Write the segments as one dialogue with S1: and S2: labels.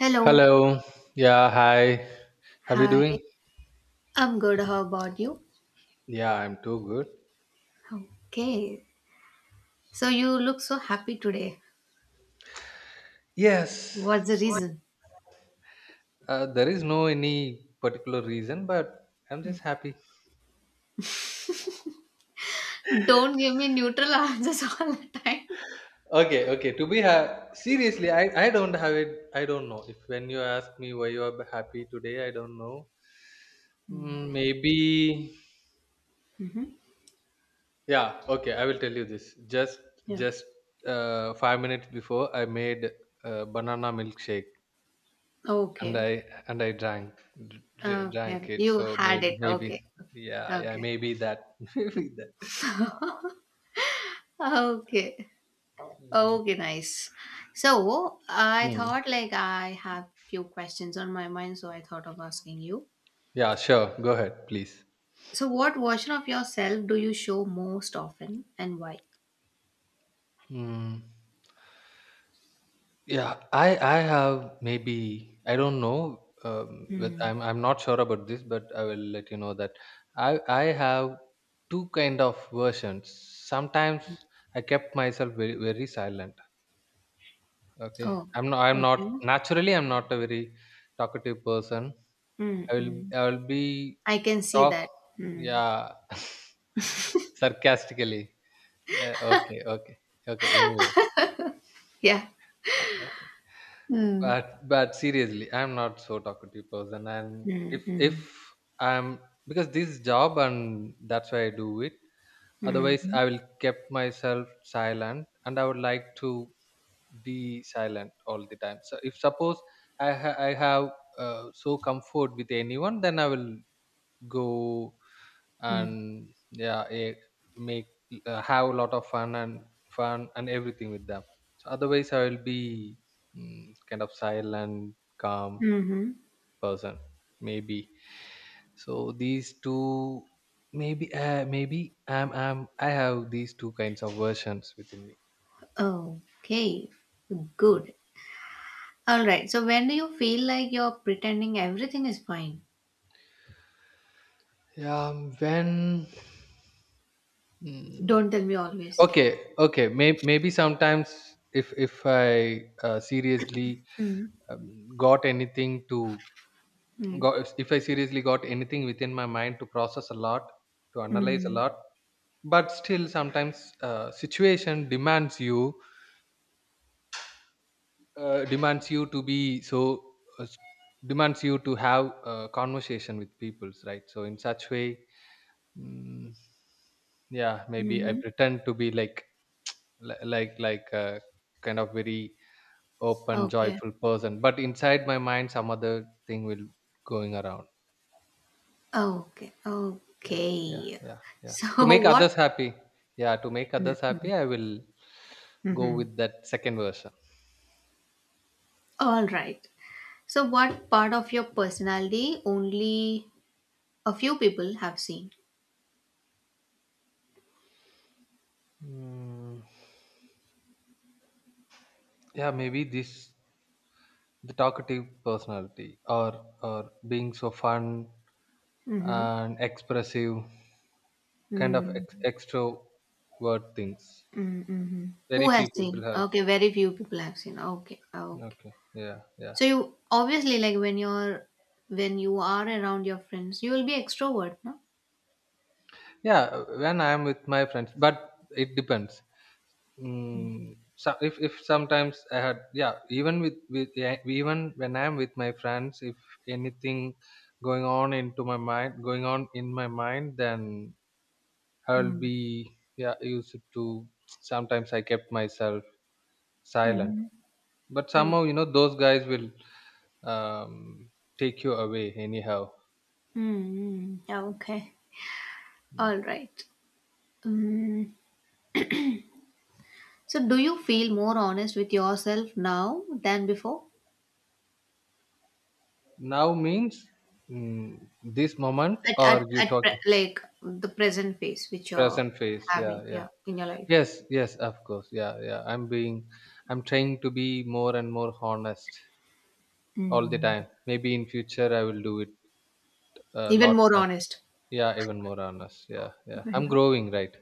S1: Hello.
S2: Hello. Yeah, hi. How are you
S1: Hi,
S2: doing?
S1: I'm good. How about you?
S2: Yeah, I'm too good.
S1: Okay. So you look so happy today.
S2: Yes,
S1: What's the reason?
S2: there is no any particular reason, but I'm just happy.
S1: Don't give me neutral answers all the time.
S2: Okay, okay. Seriously, I don't have it. I don't know if when you ask me why you are happy today, I don't know. Mm, maybe yeah. Okay, I will tell you this. Just
S1: Yeah.
S2: just 5 minutes before, I made banana milkshake. and
S1: Okay.
S2: I and I drank dr- dr-
S1: Okay.
S2: drank it.
S1: You
S2: So
S1: had
S2: maybe
S1: it.
S2: maybe
S1: Okay.
S2: yeah, yeah,
S1: Okay.
S2: maybe that maybe that.
S1: Okay.
S2: Mm.
S1: Okay, nice. So I
S2: Mm.
S1: thought like I have few questions on my mind, so I thought of asking you.
S2: Yeah, sure. Go ahead, please.
S1: So what version of yourself do you show most often and why?
S2: Mm. Yeah, I have maybe I don't know.
S1: Hmm.
S2: I'm not sure about this, but I will let you know that I have two kind of versions. Sometimes I kept myself very very silent. Okay,
S1: Oh,
S2: I'm not
S1: okay.
S2: naturally I'm not a very talkative person.
S1: Mm, mm.
S2: I will be
S1: I can see
S2: talk
S1: that. Mm.
S2: yeah. Sarcastically. Okay, okay. Okay, anyway.
S1: Yeah.
S2: Okay.
S1: Mm.
S2: But seriously, I'm not so talkative person, and
S1: Mm,
S2: if
S1: mm,
S2: I'm because this job and that's why I do it. Otherwise
S1: mhm,
S2: I will kept myself silent and I would like to be silent all the time. So if suppose I have so comfort with anyone then I will go
S1: mm,
S2: and yeah, make have a lot of fun and fun and everything with them. So otherwise I will be kind of silent calm
S1: mhm.
S2: person maybe. So these two maybe, maybe I have these two kinds of versions within me.
S1: Okay,
S2: Mm.
S1: good. All right. So when do you feel like you're pretending everything is fine?
S2: Yeah, when, mm,
S1: Don't tell me always.
S2: okay, okay. Maybe sometimes if I seriously
S1: Mm,
S2: got anything to
S1: mm,
S2: got, if I seriously got anything within my mind to process a lot, to analyze a
S1: mm,
S2: lot. But still sometimes situation demands you to be so uh, s- demands you to have a conversation with peoples, right? So in such way, mm, yeah, maybe I
S1: mhm.
S2: pretend to be like like a kind of very open,
S1: Okay.
S2: joyful person, but inside my mind, some other thing will going around.
S1: Okay.
S2: Yeah, yeah,
S1: Okay.
S2: yeah, yeah. To
S1: So
S2: make
S1: what?
S2: others happy. Yeah, to make others
S1: Mm,
S2: happy, I will go
S1: mhm.
S2: with that second version.
S1: All right. So what part of your personality only a few people have seen?
S2: Mm, yeah, maybe this, the talkative personality, or being so fun and expressive, kind of
S1: Mm,
S2: extrovert things.
S1: mm, mhm.
S2: Very
S1: Who has
S2: few people
S1: seen?
S2: have.
S1: Okay, very few people have seen. Okay, okay.
S2: Okay. Yeah, yeah,
S1: So you obviously like when you're when you are around your friends, you will be extrovert, no?
S2: yeah. When I am with my friends, but it depends.
S1: Mm.
S2: Mm, so if sometimes I had yeah even with yeah, even when I'm with my friends, if anything going on into my mind, going on in my mind, then I'll
S1: Mm-hmm.
S2: be yeah, used to sometimes I kept myself silent, but
S1: Mm.
S2: somehow you know those guys will um, take you away anyhow.
S1: Mm. Yeah, okay. All right. Mm. So do you feel more honest with yourself now than before?
S2: Now means, mm, this moment or you
S1: At
S2: talking
S1: like the present phase which you're
S2: present phase, yeah,
S1: having
S2: yeah.
S1: yeah in your life.
S2: Yes, yes, of course. Yeah, yeah. I'm trying to be more and more honest all the
S1: Mm.
S2: time. Maybe in future I will do it a
S1: Even
S2: lot
S1: more
S2: more.
S1: honest.
S2: Yeah, even more honest. Yeah, yeah. I'm growing, right?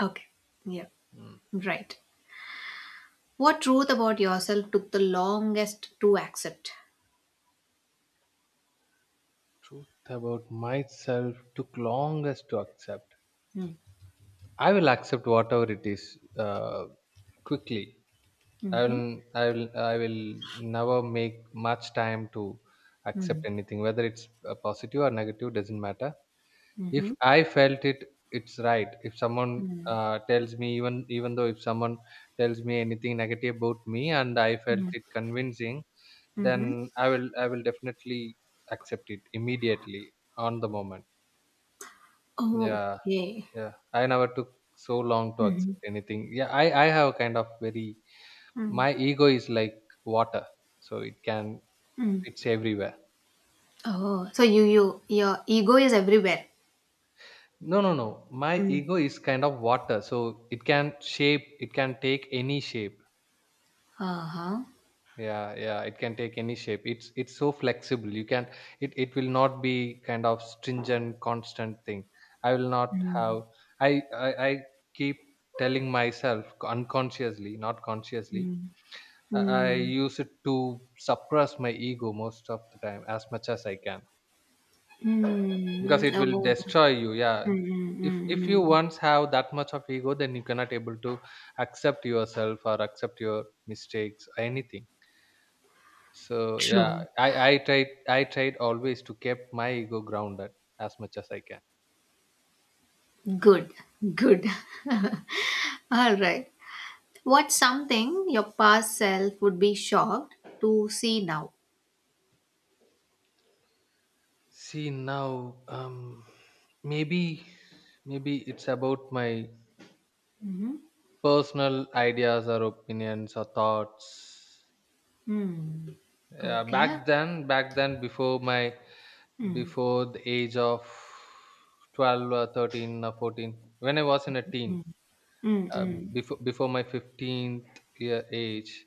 S1: Okay. Yeah.
S2: Mm.
S1: Right. What truth about yourself took the longest to accept?
S2: Truth about myself took longest to accept.
S1: Mm.
S2: I will accept whatever it is quickly.
S1: Mm-hmm.
S2: I will never make much time to accept
S1: Mm.
S2: anything, whether it's positive or negative, doesn't matter. If
S1: Mm-hmm.
S2: I felt it, it's right. If someone
S1: Mm.
S2: tells me, even even though if someone tells me anything negative about me and I
S1: Mm.
S2: felt it convincing, then
S1: Mm-hmm.
S2: I will definitely accept it immediately on the moment. Yeah,
S1: Okay.
S2: yeah, I never took so long to
S1: Mm-hmm.
S2: accept anything. Yeah, I have a kind of very,
S1: Mm.
S2: my ego is like water. So it can,
S1: Mm.
S2: it's everywhere.
S1: Oh, so you your ego is everywhere.
S2: No, no, no, my
S1: Mm.
S2: ego is kind of water, so it can shape. It can take any shape.
S1: Uh huh.
S2: Yeah, yeah, it can take any shape. It's so flexible. You can, it will not be kind of stringent constant thing. I will not
S1: Mm.
S2: have, I keep telling myself unconsciously, not consciously.
S1: Mm.
S2: I
S1: Mm.
S2: use it to suppress my ego most of the time as much as I can, because
S1: Mm.
S2: it will
S1: Oh.
S2: destroy you. Yeah,
S1: Mm. Mm.
S2: if
S1: Mm.
S2: if you
S1: mm.
S2: once have that much of ego, then you cannot able to accept yourself or accept your mistakes or anything. So yeah,
S1: True.
S2: I tried always to keep my ego grounded as much as I can.
S1: Good. Good. All right. What's something your past self would be shocked to see now?
S2: See now, maybe maybe it's about my
S1: Mm-hmm.
S2: personal ideas or opinions or thoughts.
S1: Mm.
S2: Yeah,
S1: Okay.
S2: back then, before my,
S1: Mm.
S2: before the age of 12 or 13 or 14, when I was in a teen, uh,
S1: Mm.
S2: before my 15th year age,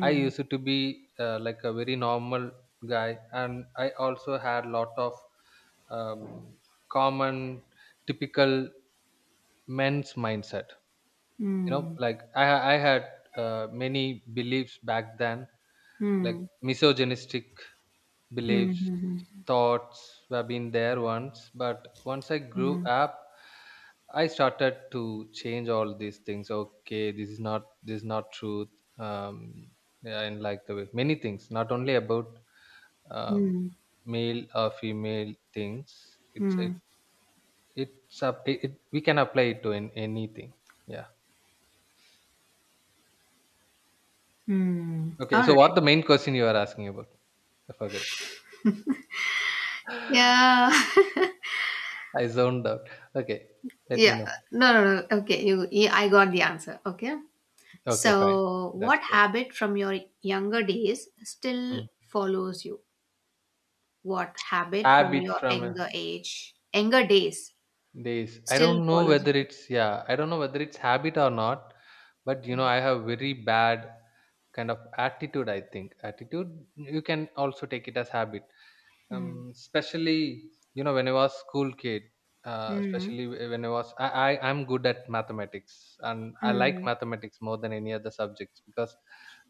S2: I used to be like a very normal guy, and I also had lot of um, common, typical men's mindset. You know,
S1: Mm.
S2: like I had many beliefs back then,
S1: Mm.
S2: like
S1: Mm.
S2: misogynistic beliefs,
S1: Mm.
S2: thoughts have been there once. But once I grew
S1: Mm.
S2: up, I started to change all these things. Okay, this is not truth. Um, yeah, and like the way many things, not only about um,
S1: Mm.
S2: male or female things. It's
S1: Mm.
S2: it, it's up, it, we can apply it to in, anything. Yeah.
S1: Mm.
S2: Okay.
S1: All
S2: So
S1: right.
S2: what the main question you are asking about? I forgot.
S1: Yeah.
S2: I zoned out. Okay. Let me
S1: yeah.
S2: know.
S1: No, no, no. Okay. You, yeah, I got the answer. Okay.
S2: Okay. Fine.
S1: So,
S2: That's
S1: what
S2: great.
S1: habit from your younger days still
S2: Hmm.
S1: follows you? What habit from
S2: Habit
S1: your
S2: from
S1: younger age, younger days
S2: this. I
S1: still
S2: don't know
S1: follows
S2: whether
S1: you.
S2: it's, yeah, I don't know whether it's habit or not. But you know, I have very bad kind of attitude. I think attitude, you can also take it as habit.
S1: Mm,
S2: Especially you know when I was school kid,
S1: mm,
S2: especially when I was I'm good at mathematics and I like
S1: mm,
S2: mathematics more than any other subjects because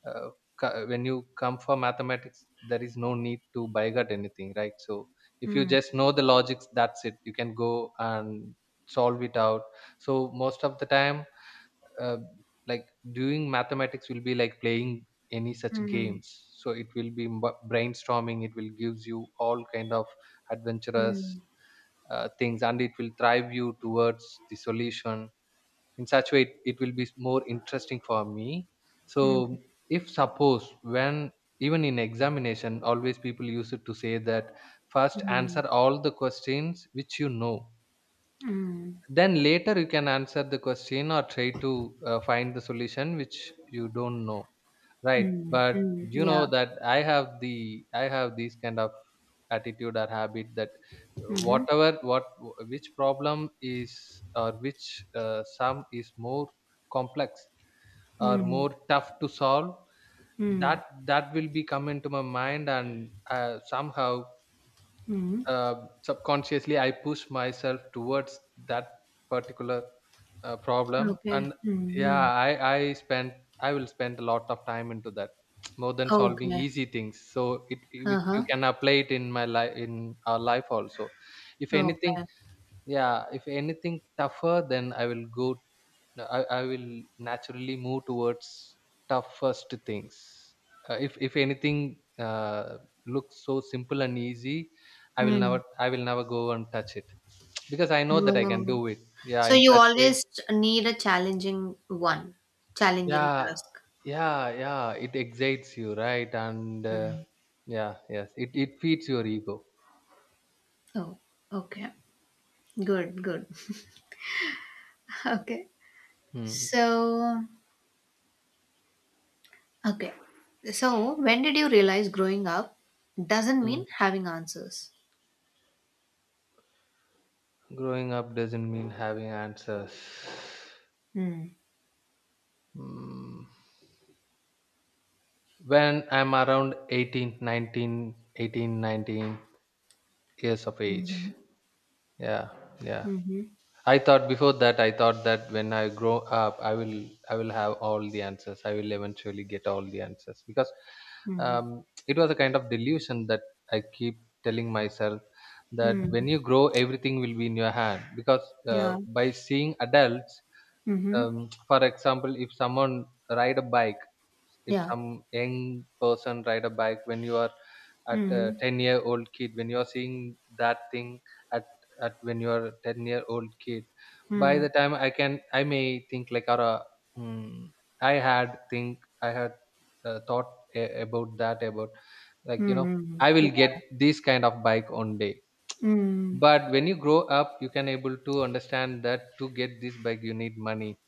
S2: uh, when you come for mathematics there is no need to bigot anything, right? So if you
S1: mm,
S2: just know the logics, that's it, you can go and solve it out. So most of the time, uh, like, doing mathematics will be like playing any such
S1: mm,
S2: games. So it will be brainstorming. It will gives you all kind of adventurous
S1: mm,
S2: things, and it will drive you towards the solution. In such way, it will be more interesting for me.
S1: mm,
S2: So if suppose when even in examination always people used to say that first
S1: mm,
S2: answer all the questions which you know,
S1: mm,
S2: then later you can answer the question or try to find the solution which you don't know, right?
S1: mm,
S2: But
S1: mm.
S2: you
S1: Yeah.
S2: know that I have this kind of attitude or habit, that
S1: Mm-hmm.
S2: whatever what which problem is or which sum is more complex or
S1: Mm,
S2: more tough to solve,
S1: mm,
S2: that that will be come into my mind. And somehow
S1: mm.
S2: subconsciously I push myself towards that particular problem.
S1: Okay.
S2: And yeah,
S1: Mm-hmm.
S2: i i spend I will spend a lot of time into that more than solving
S1: Okay.
S2: easy things. So it, you
S1: Uh-huh.
S2: can apply it in my life, in our life also. If anything,
S1: Okay.
S2: yeah, if anything tougher, then I will go, no, I will naturally move towards toughest things. If anything looks so simple and easy,
S1: Mm.
S2: I will never go and touch it, because I know that I can
S1: Oh.
S2: do it. Yeah,
S1: So
S2: in
S1: you
S2: such way.
S1: always need a challenging one, challenging
S2: Yeah,
S1: task.
S2: yeah, yeah. It excites you, right? And
S1: Mm.
S2: yeah, yes, it feeds your ego.
S1: Oh, okay. Good, good. Okay.
S2: Hmm.
S1: So Okay. So, when did you realize growing up doesn't mean
S2: Mm.
S1: having answers?
S2: Growing up doesn't mean having answers.
S1: Hmm.
S2: Mm. When I'm around 18, 19, 18, 19 years of
S1: Mm-hmm.
S2: age. Yeah, yeah.
S1: Mm-hmm.
S2: I thought before that. I thought that when I grow up I will have all the answers. I will eventually get all the answers, because
S1: Mm-hmm.
S2: it was a kind of delusion that I keep telling myself, that when
S1: Mm-hmm.
S2: you grow everything will be in your hand. Because
S1: Yeah.
S2: by seeing adults,
S1: Mm-hmm.
S2: for example, if someone ride a bike, if
S1: Yeah.
S2: some young person ride a bike when you are at a
S1: Mm-hmm.
S2: 10-year-old kid, when you are seeing that thing at, when you are a 10-year-old kid, by
S1: Mm-hmm.
S2: the time I can, I may think like, or hmm, I had thought about that, about, like, you know,
S1: Mm-hmm.
S2: I
S1: Yeah.
S2: will get this kind of bike one day.
S1: Mm.
S2: But when you grow up, you can able to understand that to get this bike you need money.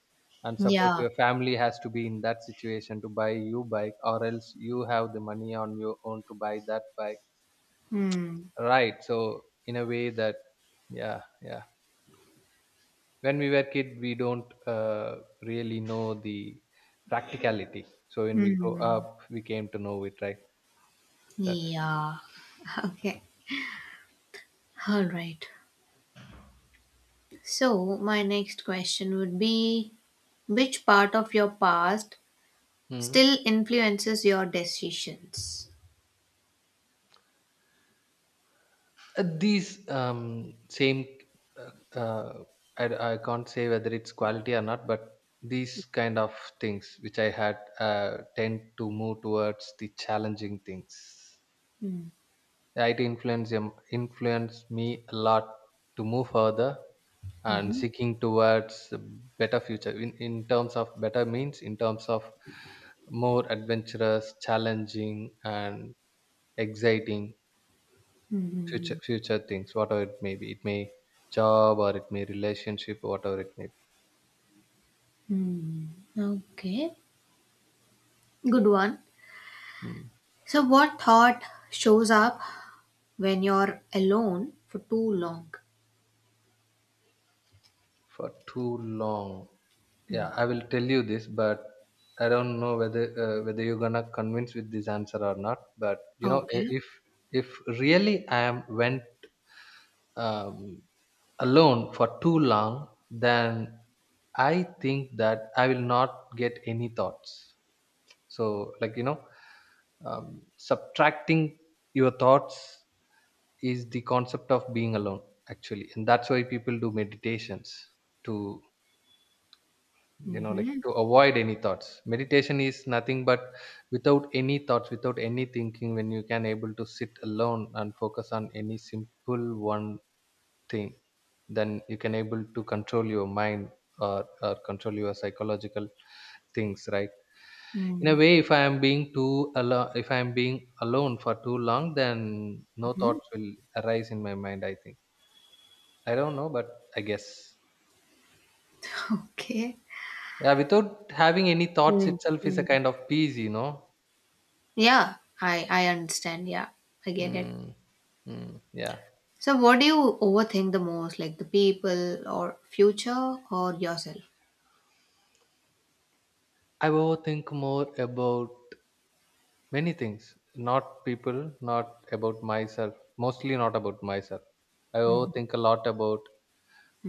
S2: And suppose
S1: Yeah.
S2: your family has to be in that situation to buy you bike, or else you have the money on your own to buy that bike,
S1: Mm.
S2: right? So in a way that, yeah, yeah, when we were kid we don't really know the practicality. So when we grow
S1: Mm.
S2: up we came to know it, right? That's it.
S1: Yeah. Okay. All right. So, my next question would be which part of your past
S2: Hmm.
S1: still influences your decisions?
S2: These same uh, uh, I can't say whether it's quality or not, but these kind of things which I had tend to move towards the challenging things. It influenced me a lot to move further and
S1: Mm-hmm.
S2: seeking towards a better future, in terms of better, means in terms of more adventurous, challenging and exciting future things, whatever it may be. It may job or it may relationship, whatever it may
S1: Okay, good one.
S2: be. Hmm.
S1: So, what thought shows up when you're alone for too long?
S2: For too long.
S1: Mm.
S2: Yeah, I will tell you this, but I don't know whether whether you're gonna convince with this answer or not. But you know,
S1: Okay.
S2: if really I am went um, alone for too long, then I think that I will not get any thoughts. So, like you know, subtracting your thoughts is the concept of being alone, actually, and that's why people do meditations to, you know, like,
S1: Mm-hmm.
S2: to avoid any thoughts. Meditation is nothing but without any thoughts, without any thinking, when you can able to sit alone and focus on any simple one thing, then you can able to control your mind, or control your psychological things, right? In a
S1: Mm-hmm.
S2: way, if I am being too alone, if I am being alone for too long, then no thoughts will arise in my mind, I think. I don't know, but I guess,
S1: Okay.
S2: yeah, without having any thoughts itself is
S1: Mm-hmm.
S2: a kind of peace,
S1: Yeah, I understand. Yeah, I get it.
S2: Mm, mm, yeah.
S1: So, what do you overthink the most, like the people or future or yourself?
S2: I overthink more about many things, not people, not about myself, mostly not about myself. I
S1: Mm-hmm.
S2: overthink a lot about,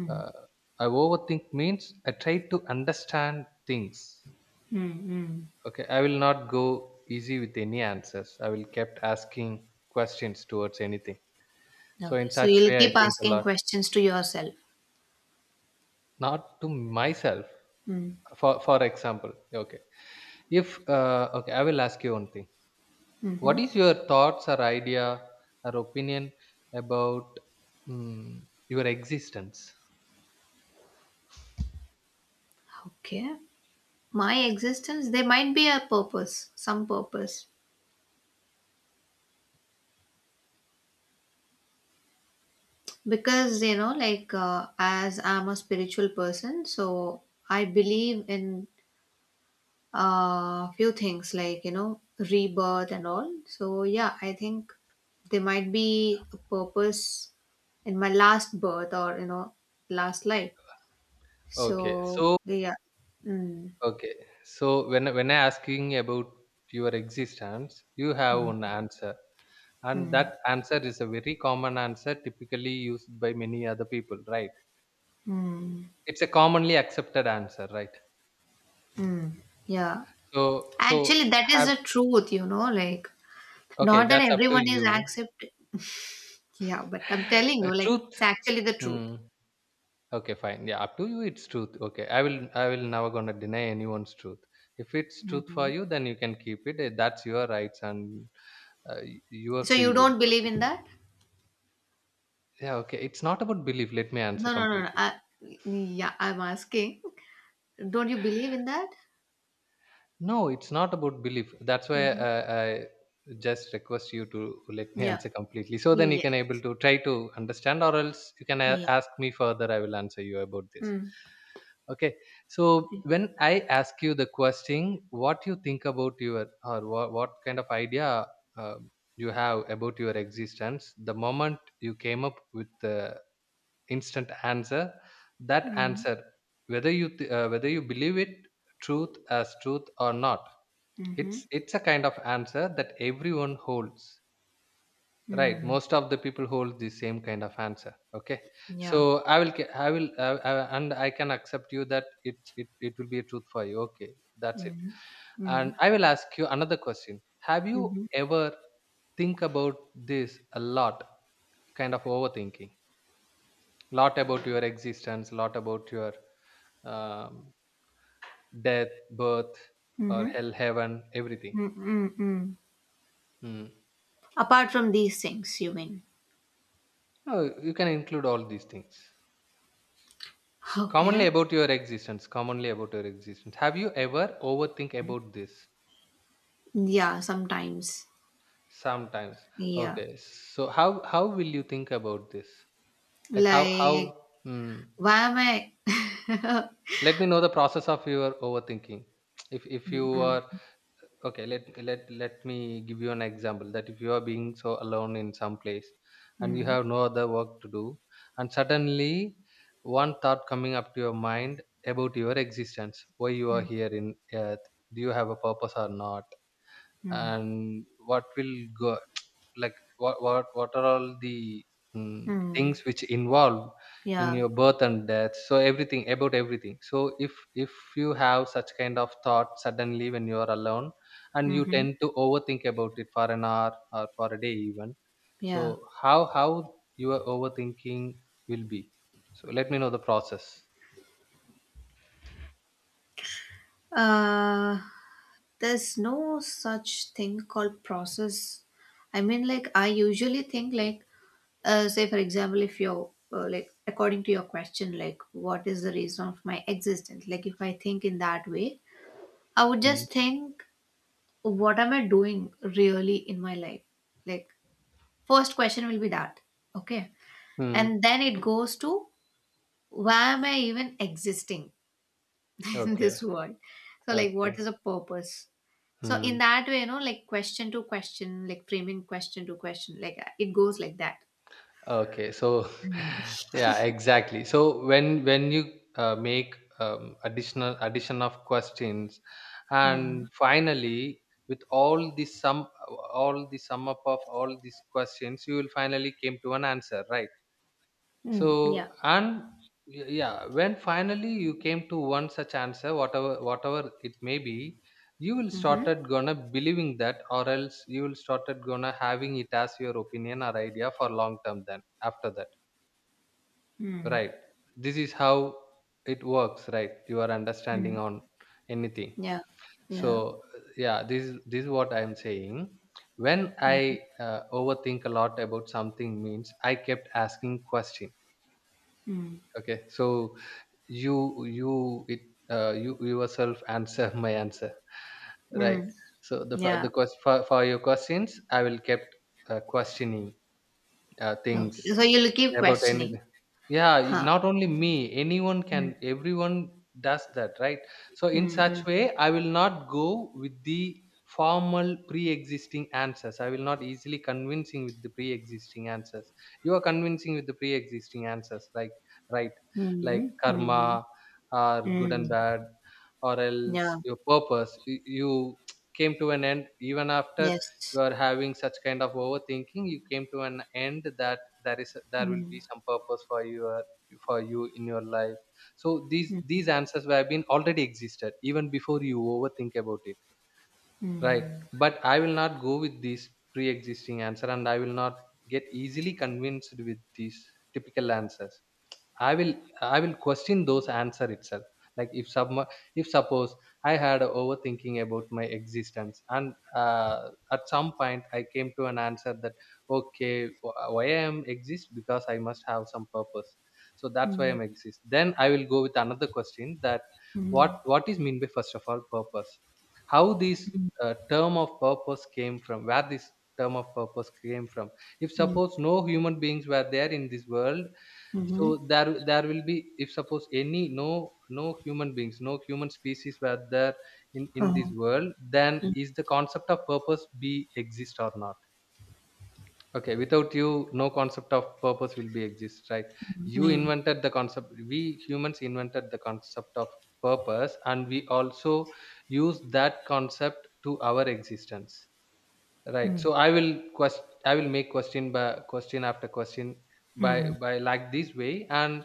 S2: uh, I overthink means I try to understand things.
S1: Mm-hmm.
S2: Okay. I will not go easy with any answers. I will kept asking questions towards anything. So
S1: Okay.
S2: in
S1: So
S2: such
S1: you'll
S2: way, I
S1: keep
S2: think a
S1: asking
S2: lot,
S1: questions to yourself.
S2: not to myself. For example, okay. If, okay, I will ask you one thing.
S1: Mm-hmm.
S2: What is your thoughts or idea or opinion about, mm, your existence?
S1: Okay. My existence, there might be a purpose, some purpose, because you know like as I'm a spiritual person, so I believe in a few things like, you know, rebirth and all. So yeah, I think there might be a purpose in my last birth, or you know, last life,
S2: Okay,
S1: so
S2: so,
S1: yeah. Mm,
S2: okay, so when I asking about your existence, you have one
S1: mm,
S2: answer, and
S1: mm,
S2: that answer is a very common answer typically used by many other people, right?
S1: mm,
S2: It's a commonly accepted answer, right?
S1: mm, yeah.
S2: so so
S1: Actually that is
S2: have
S1: the truth, you know, like
S2: Okay,
S1: Not that
S2: that's up to
S1: everyone is
S2: you.
S1: accepted. Yeah, but I'm telling you, like, it's
S2: Truth,
S1: actually the truth.
S2: hmm, okay, fine. Yeah, up to you. It's truth. Okay, I will. I will never gonna deny anyone's truth. If it's truth for
S1: Hmm.
S2: you, then you can keep it. Eh, that's your rights and your
S1: So
S2: free
S1: you
S2: will.
S1: don't believe
S2: Okay.
S1: in that?
S2: Yeah. Okay. It's not about belief. Let me answer
S1: No, no, no, no.
S2: completely.
S1: I, yeah, I'm asking. Don't you believe in that?
S2: No, it's not about belief. That's why
S1: Hmm.
S2: I just request you to let me
S1: Yeah.
S2: answer completely, so then you
S1: Yes.
S2: can able to try to understand, or else you can
S1: Yeah.
S2: ask me further. I will answer you about this.
S1: Mm.
S2: Okay. So when I ask you the question, what you think about your, or what kind of idea uh, you have about your existence, the moment you came up with the instant answer, that
S1: Mm.
S2: answer, whether you whether you believe it truth as truth or not,
S1: Mm-hmm.
S2: it's a kind of answer that everyone holds, right?
S1: Mm.
S2: Most of the people hold the same kind of answer. Okay,
S1: Yeah.
S2: so I will I will and I can accept you that it it will be a truth for you. Okay, that's it.
S1: Mm.
S2: And
S1: Mm.
S2: I will ask you another question. Have you
S1: Mm-hmm.
S2: ever think about this a lot? Kind of overthinking, lot about your existence, lot about your um, death, birth, or
S1: Mm-hmm.
S2: hell, heaven, everything.
S1: Mm-mm-mm.
S2: Hmm.
S1: Apart from these things, you mean?
S2: No, you can include all these things. Commonly
S1: Okay.
S2: about your existence. Commonly about your existence. Have you ever overthink about this?
S1: Yeah, sometimes.
S2: Sometimes.
S1: Yeah.
S2: Okay. So how will you think about this? Like how?
S1: Like,
S2: Hmm.
S1: why am I?
S2: Let me know the process of your overthinking. If
S1: Mm,
S2: you
S1: mm,
S2: are, okay, let me give you an example that if you are being so alone in some place, and you
S1: mm,
S2: have no other work to do, and suddenly one thought coming up to your mind about your existence, why you are
S1: mm,
S2: here in earth, do you have a purpose or not,
S1: mm,
S2: and what will go like what are all the
S1: mm.
S2: things which involve in
S1: Yeah.
S2: your birth and death, so everything about everything. So if you have such kind of thought suddenly when you are alone, and you
S1: Mm-hmm.
S2: tend to overthink about it for an hour or for a day even, so
S1: Yeah.
S2: how your overthinking will be. So let me know the process.
S1: Uh, there's no such thing called process. I mean, like, I usually think, like, say, for example, if you're, like, according to your question, like, what is the reason of my existence? Like, if I think in that way, I would just
S2: Mm.
S1: think, what am I doing really in my life? Like, first question will be that. Okay.
S2: Mm.
S1: And then it goes to why am I even existing in
S2: Okay,
S1: this world? So, like, what
S2: okay.
S1: is the purpose? So, in
S2: Mm.
S1: that way, you know, like question to question, like framing question to question, like it goes like that.
S2: Okay, so
S1: Mm.
S2: yeah, exactly. So when you make additional addition of questions,
S1: Mm.
S2: and finally with all the sum up of all these questions, you will finally came to an answer, right?
S1: Mm. Yeah.
S2: So and yeah, when finally you came to one such answer, whatever it may be, you will
S1: Mm-hmm.
S2: started gonna believing that, or else you will started gonna having it as your opinion or idea for long term. Then after that.
S1: Mm.
S2: Right. This is how it works, right? Your understanding
S1: Mm.
S2: on anything.
S1: Yeah. Yeah.
S2: So yeah, this is what I am saying. When I overthink a lot about something, means I kept asking question.
S1: Mm.
S2: Okay, so you you it you yourself answer my answer, right?
S1: Mm.
S2: So the the
S1: Yeah.
S2: quest for your questions, I will kept questioning
S1: Okay.
S2: things
S1: So, you'll keep
S2: about
S1: questioning.
S2: anything. Yeah,
S1: Huh.
S2: not only me, anyone can,
S1: Mm.
S2: everyone does that, right? So, in such
S1: Mm.
S2: way, I will not go with the formal pre existing answers. I will not easily convincing with the pre existing answers. You are convincing with the pre existing answers, like, right, like
S1: Mm. Mm. Mm.
S2: karma or good and
S1: Mm.
S2: bad, or else
S1: Yeah.
S2: your purpose. You came to an end even after
S1: Yes.
S2: you are having such kind of overthinking, you came to an end that there will be
S1: Mm.
S2: some purpose for your for you in your life. So
S1: Mm.
S2: these answers were been already existed even before you overthink about it, right?
S1: Mm.
S2: But I will not go with this pre-existing answer, and I will not get easily convinced with these typical answers. I will I will question those answer itself. Like if some, if suppose I had overthinking about my existence, and at some point I came to an answer that okay, why I am exist, because I must have some purpose. So that's why
S1: Mm.
S2: I'm exist. Then I will go with another question that what is mean by first of all purpose? How this term of purpose came from? Where this term of purpose came from? If
S1: Mm.
S2: suppose no human beings were there in this world,
S1: Mhm.
S2: so there will be, if suppose any no human beings, no human species were there in this
S1: Mhm.
S2: world, then is the concept of purpose be exist or not? Okay, without you no concept of purpose will be exist, right? You
S1: Mhm.
S2: invented the concept, we humans invented the concept of purpose, and we also use that concept to our existence. Right.
S1: Mhm.
S2: So I will make question by question after question
S1: Mhm.
S2: by like this way, and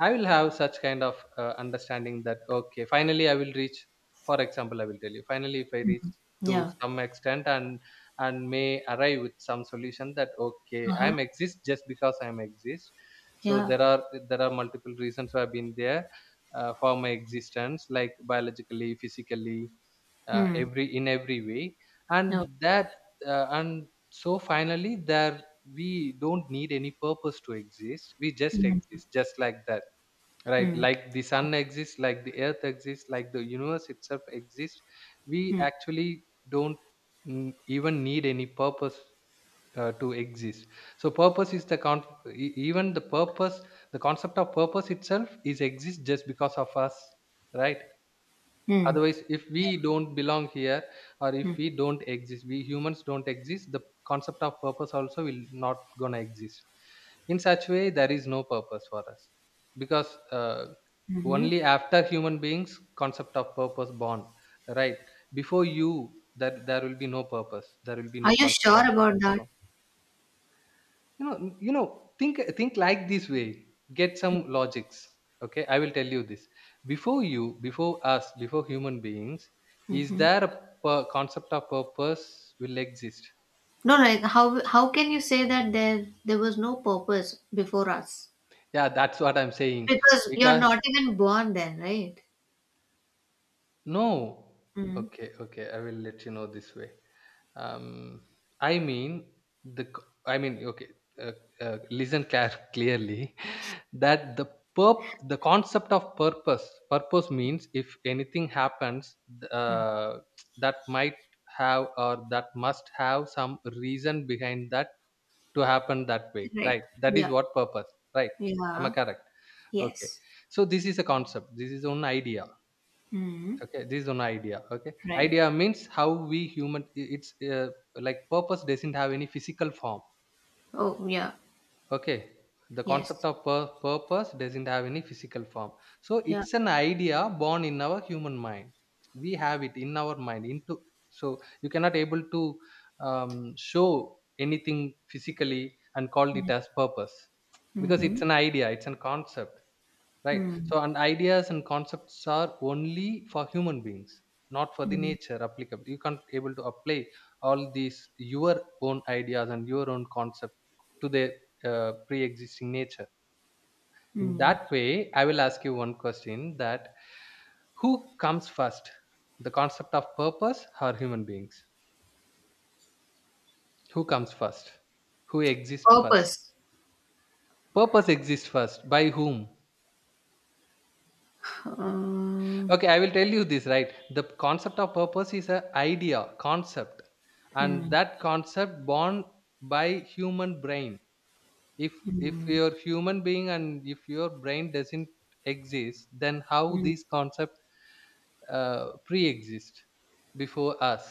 S2: I will have such kind of understanding that okay, finally I will reach. For example, I will tell you. Finally, if I reach
S1: Mhm.
S2: to
S1: Yeah.
S2: some extent, and may arrive with some solution that okay, I
S1: Uh-huh.
S2: am exist just because I am exist. So
S1: Yeah.
S2: there are multiple reasons why I've been there for my existence, like biologically, physically,
S1: Mm.
S2: every in every way,
S1: No.
S2: and that and so finally there, we don't need any purpose to exist, we just
S1: Mm.
S2: exist just like that, right?
S1: Mm.
S2: Like the
S1: Uh,
S2: sun exists, like the earth exists, like the universe itself exists. We
S1: Mm.
S2: actually don't, even need any purpose to exist. So purpose is the con- e- even the purpose the concept of purpose itself is exists just because of us, right?
S1: Mm.
S2: Otherwise, if we
S1: Yeah.
S2: don't belong here, or if
S1: Mm.
S2: we don't exist, we humans don't exist, the concept of purpose also will not gonna exist. In such way, there is no purpose for us, because
S1: Mhm.
S2: only after human beings, concept of purpose born, right? Before you, that there will be no purpose, there will be
S1: Are
S2: no
S1: you
S2: concept of
S1: sure about that?
S2: purpose. You know, think like this way, get some logics. Okay, I will tell you this. Before you, before us, before human beings, is there a concept of purpose will exist?
S1: No, like how can you say that there was no purpose before us?
S2: Yeah, that's what I'm saying.
S1: Because you're
S2: Because
S1: not even born then, right?
S2: no,
S1: Mm.
S2: okay, okay, I will let you know this way. Um I mean the c- I mean Okay, uh, listen care clearly, that the perp the concept of purpose, purpose means if anything happens,
S1: Mm.
S2: uh, that might have, or that must have some reason behind that to happen that way,
S1: Right.
S2: right? That is
S1: Yeah.
S2: what purpose, right? Am I
S1: Yeah.
S2: correct? Okay,
S1: Yes.
S2: so this is a concept, this is one idea.
S1: Mm.
S2: Okay, this is one idea. Okay,
S1: Right.
S2: idea means how we human, it's like purpose doesn't have any physical form.
S1: Oh, yeah.
S2: Okay, the concept
S1: Yes.
S2: of Purpose doesn't have any physical form. So
S1: Yeah.
S2: it's an idea born in our human mind. We have it in our mind. Into so you cannot able to show anything physically and called it as purpose because
S1: Mm-hmm.
S2: it's an idea. It's a concept, right?
S1: Mm-hmm.
S2: So and ideas and concepts are only for human beings, not for the nature applicable. You can't able to apply all these your own ideas and your own concept to the pre-existing nature. In
S1: Hmm.
S2: that way, I will ask you one question, that who comes first, the concept of purpose or human beings? Who comes first? Who exists first?
S1: Purpose.
S2: Purpose exists first, by whom?
S1: Uh,
S2: Okay, I will tell you this. Right, the concept of purpose is a idea concept, and
S1: hmm,
S2: that concept born by human brain. If if
S1: hmm,
S2: your human being and if your brain doesn't exist, then how
S1: hmm.
S2: these concept pre-exist before us?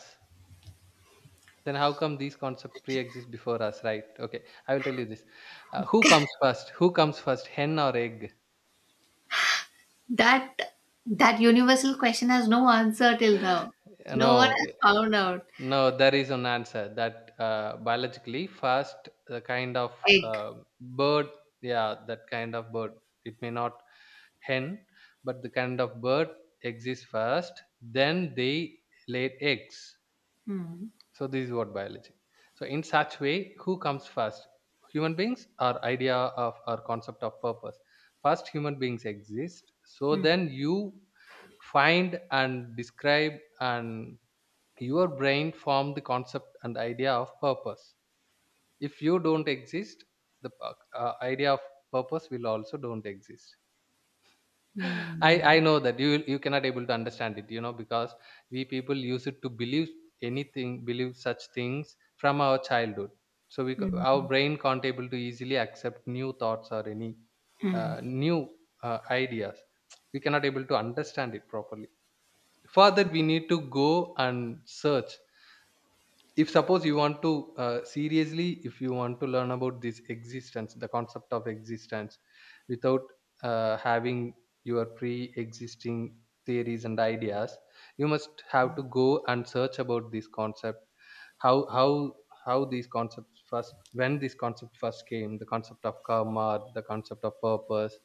S2: Then how come these concept pre-exist before us? Right, okay, I will tell you this. Who comes first? Who comes first, hen or egg?
S1: That that universal question has no answer till now. No one
S2: No.
S1: has found out.
S2: No, there is an answer, that biologically first the kind of
S1: Egg.
S2: uh, bird, yeah, that kind of bird. It may not hen, but the kind of bird exists first. Then they laid eggs.
S1: Hmm.
S2: So this is what biology. So in such way, who comes first? Human beings or idea of or concept of purpose? First, human beings exist. So
S1: Hmm.
S2: then you find and describe and your brain form the concept and idea of purpose. If you don't exist, the idea of purpose will also don't exist. i
S1: Hmm.
S2: i know that you cannot able to understand it, you know, because we people use it to believe anything, believe such things from our childhood. So our
S1: Hmm.
S2: brain can't able to easily accept new thoughts or any
S1: Hmm.
S2: uh, new ideas. We cannot able to understand it properly. For that we need to go and search. If suppose you want to seriously, if you want to learn about this existence, the concept of existence, without having your pre-existing theories and ideas, you must have to go and search about this concept. How how these concepts first, when this concept first came, the concept of karma, the concept of purpose,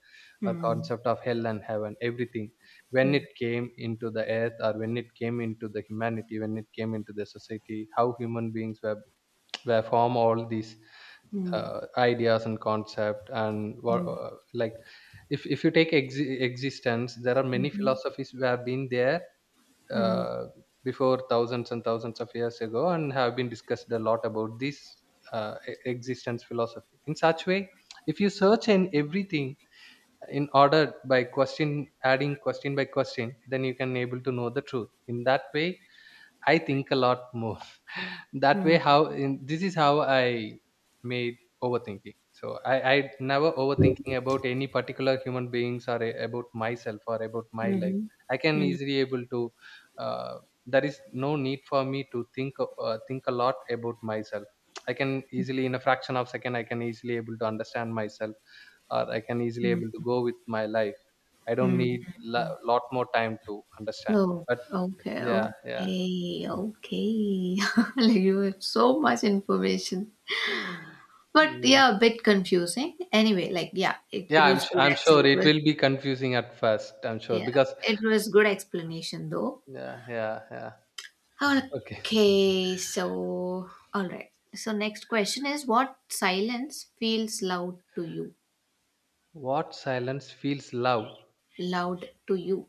S2: or
S1: Hmm.
S2: concept of hell and heaven, everything, when
S1: Hmm.
S2: it came into the earth, or when it came into the humanity, when it came into the society, how human beings were form all these
S1: Hmm.
S2: ideas and concept. And what,
S1: Hmm.
S2: like, if you take existence, there are many
S1: Mhm.
S2: philosophies who have been there,
S1: Mhm.
S2: uh, before thousands and thousands of years ago, and have been discussed a lot about this existence philosophy. In such way, if you search in everything in order, by question adding, question by question, then you can able to know the truth. In that way, I think a lot more. That
S1: Mhm.
S2: way, how in, this is how I made overthinking. So I never overthinking about any particular human beings, or a, about myself or about my life.
S1: Mhm.
S2: I can
S1: Mhm.
S2: easily able to. Uh, there is no need for me to think think a lot about myself. I can easily in a fraction of second I can easily able to understand myself, or I can easily able to
S1: Mhm.
S2: go with my life. I don't need
S1: Mhm.
S2: a lot more time to understand.
S1: No.
S2: But
S1: Okay.
S2: yeah, yeah.
S1: Okay. Okay. Like you have so much information. But
S2: Mm.
S1: yeah, a bit confusing. Anyway, like yeah, it
S2: Yeah,
S1: was good
S2: I'm
S1: actually.
S2: sure
S1: It
S2: it
S1: was
S2: will be confusing at first. I'm sure
S1: yeah,
S2: because
S1: it was good explanation though.
S2: yeah, yeah, yeah. Okay.
S1: Okay, so all right. So next question is what silence feels loud to you?
S2: What silence feels loud,
S1: Loud to you.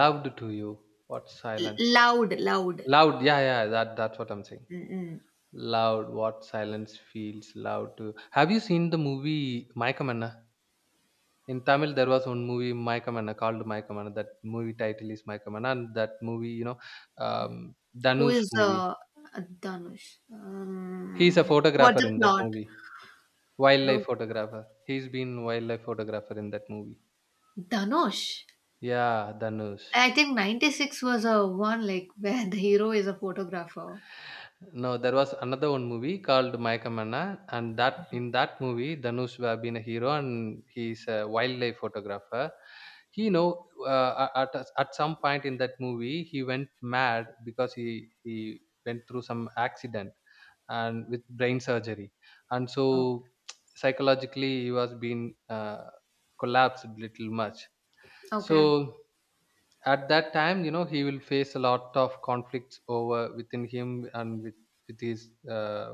S2: loud to you? What silence?
S1: Loud, loud.
S2: Loud. Yeah, yeah. That that's what I'm saying.
S1: Mm-mm.
S2: Loud. What silence feels loud to you? Have you seen the movie Maykamanna? In Tamil, there was one movie Maykamanna called Maykamanna. That movie title is Maykamanna, and that movie, you know, um,
S1: Who
S2: Danush
S1: is
S2: movie.
S1: Danush?
S2: He's a
S1: What
S2: photographer
S1: the
S2: in that
S1: plot?
S2: movie. Wildlife
S1: Photo-
S2: photographer. He's been wildlife photographer in that movie.
S1: Danush.
S2: Yeah, Dhanush.
S1: I think 96 was a one like where the hero is a photographer.
S2: No, there was another one movie called Mayakamana, and that in that movie, Dhanush would have been a hero, and he's a wildlife photographer. He, you know, at some point in that movie, he went mad because he went through some accident and with brain surgery, and
S1: Oh.
S2: so psychologically he was being collapsed little much. So
S1: Okay.
S2: at that time, you know, he will face a lot of conflicts over within him, and with his uh,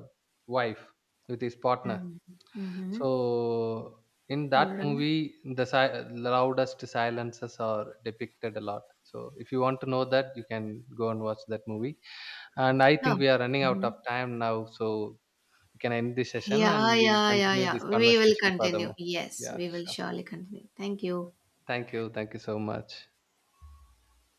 S2: wife, with his partner.
S1: Mm.
S2: So
S1: Mhm.
S2: in that
S1: All right.
S2: movie, the si- loudest silences are depicted a lot. So if you want to know that, you can go and watch that movie. And I
S1: Oh.
S2: think we are running out of
S1: Mhm.
S2: time now, so we can end this session,
S1: Yeah,
S2: and we'll
S1: yeah, yeah,
S2: continue this
S1: yeah. We will
S2: conversation
S1: continue.
S2: furthermore.
S1: Yes,
S2: Yeah,
S1: we will
S2: sure.
S1: surely continue. Thank you.
S2: Thank you, thank you so much.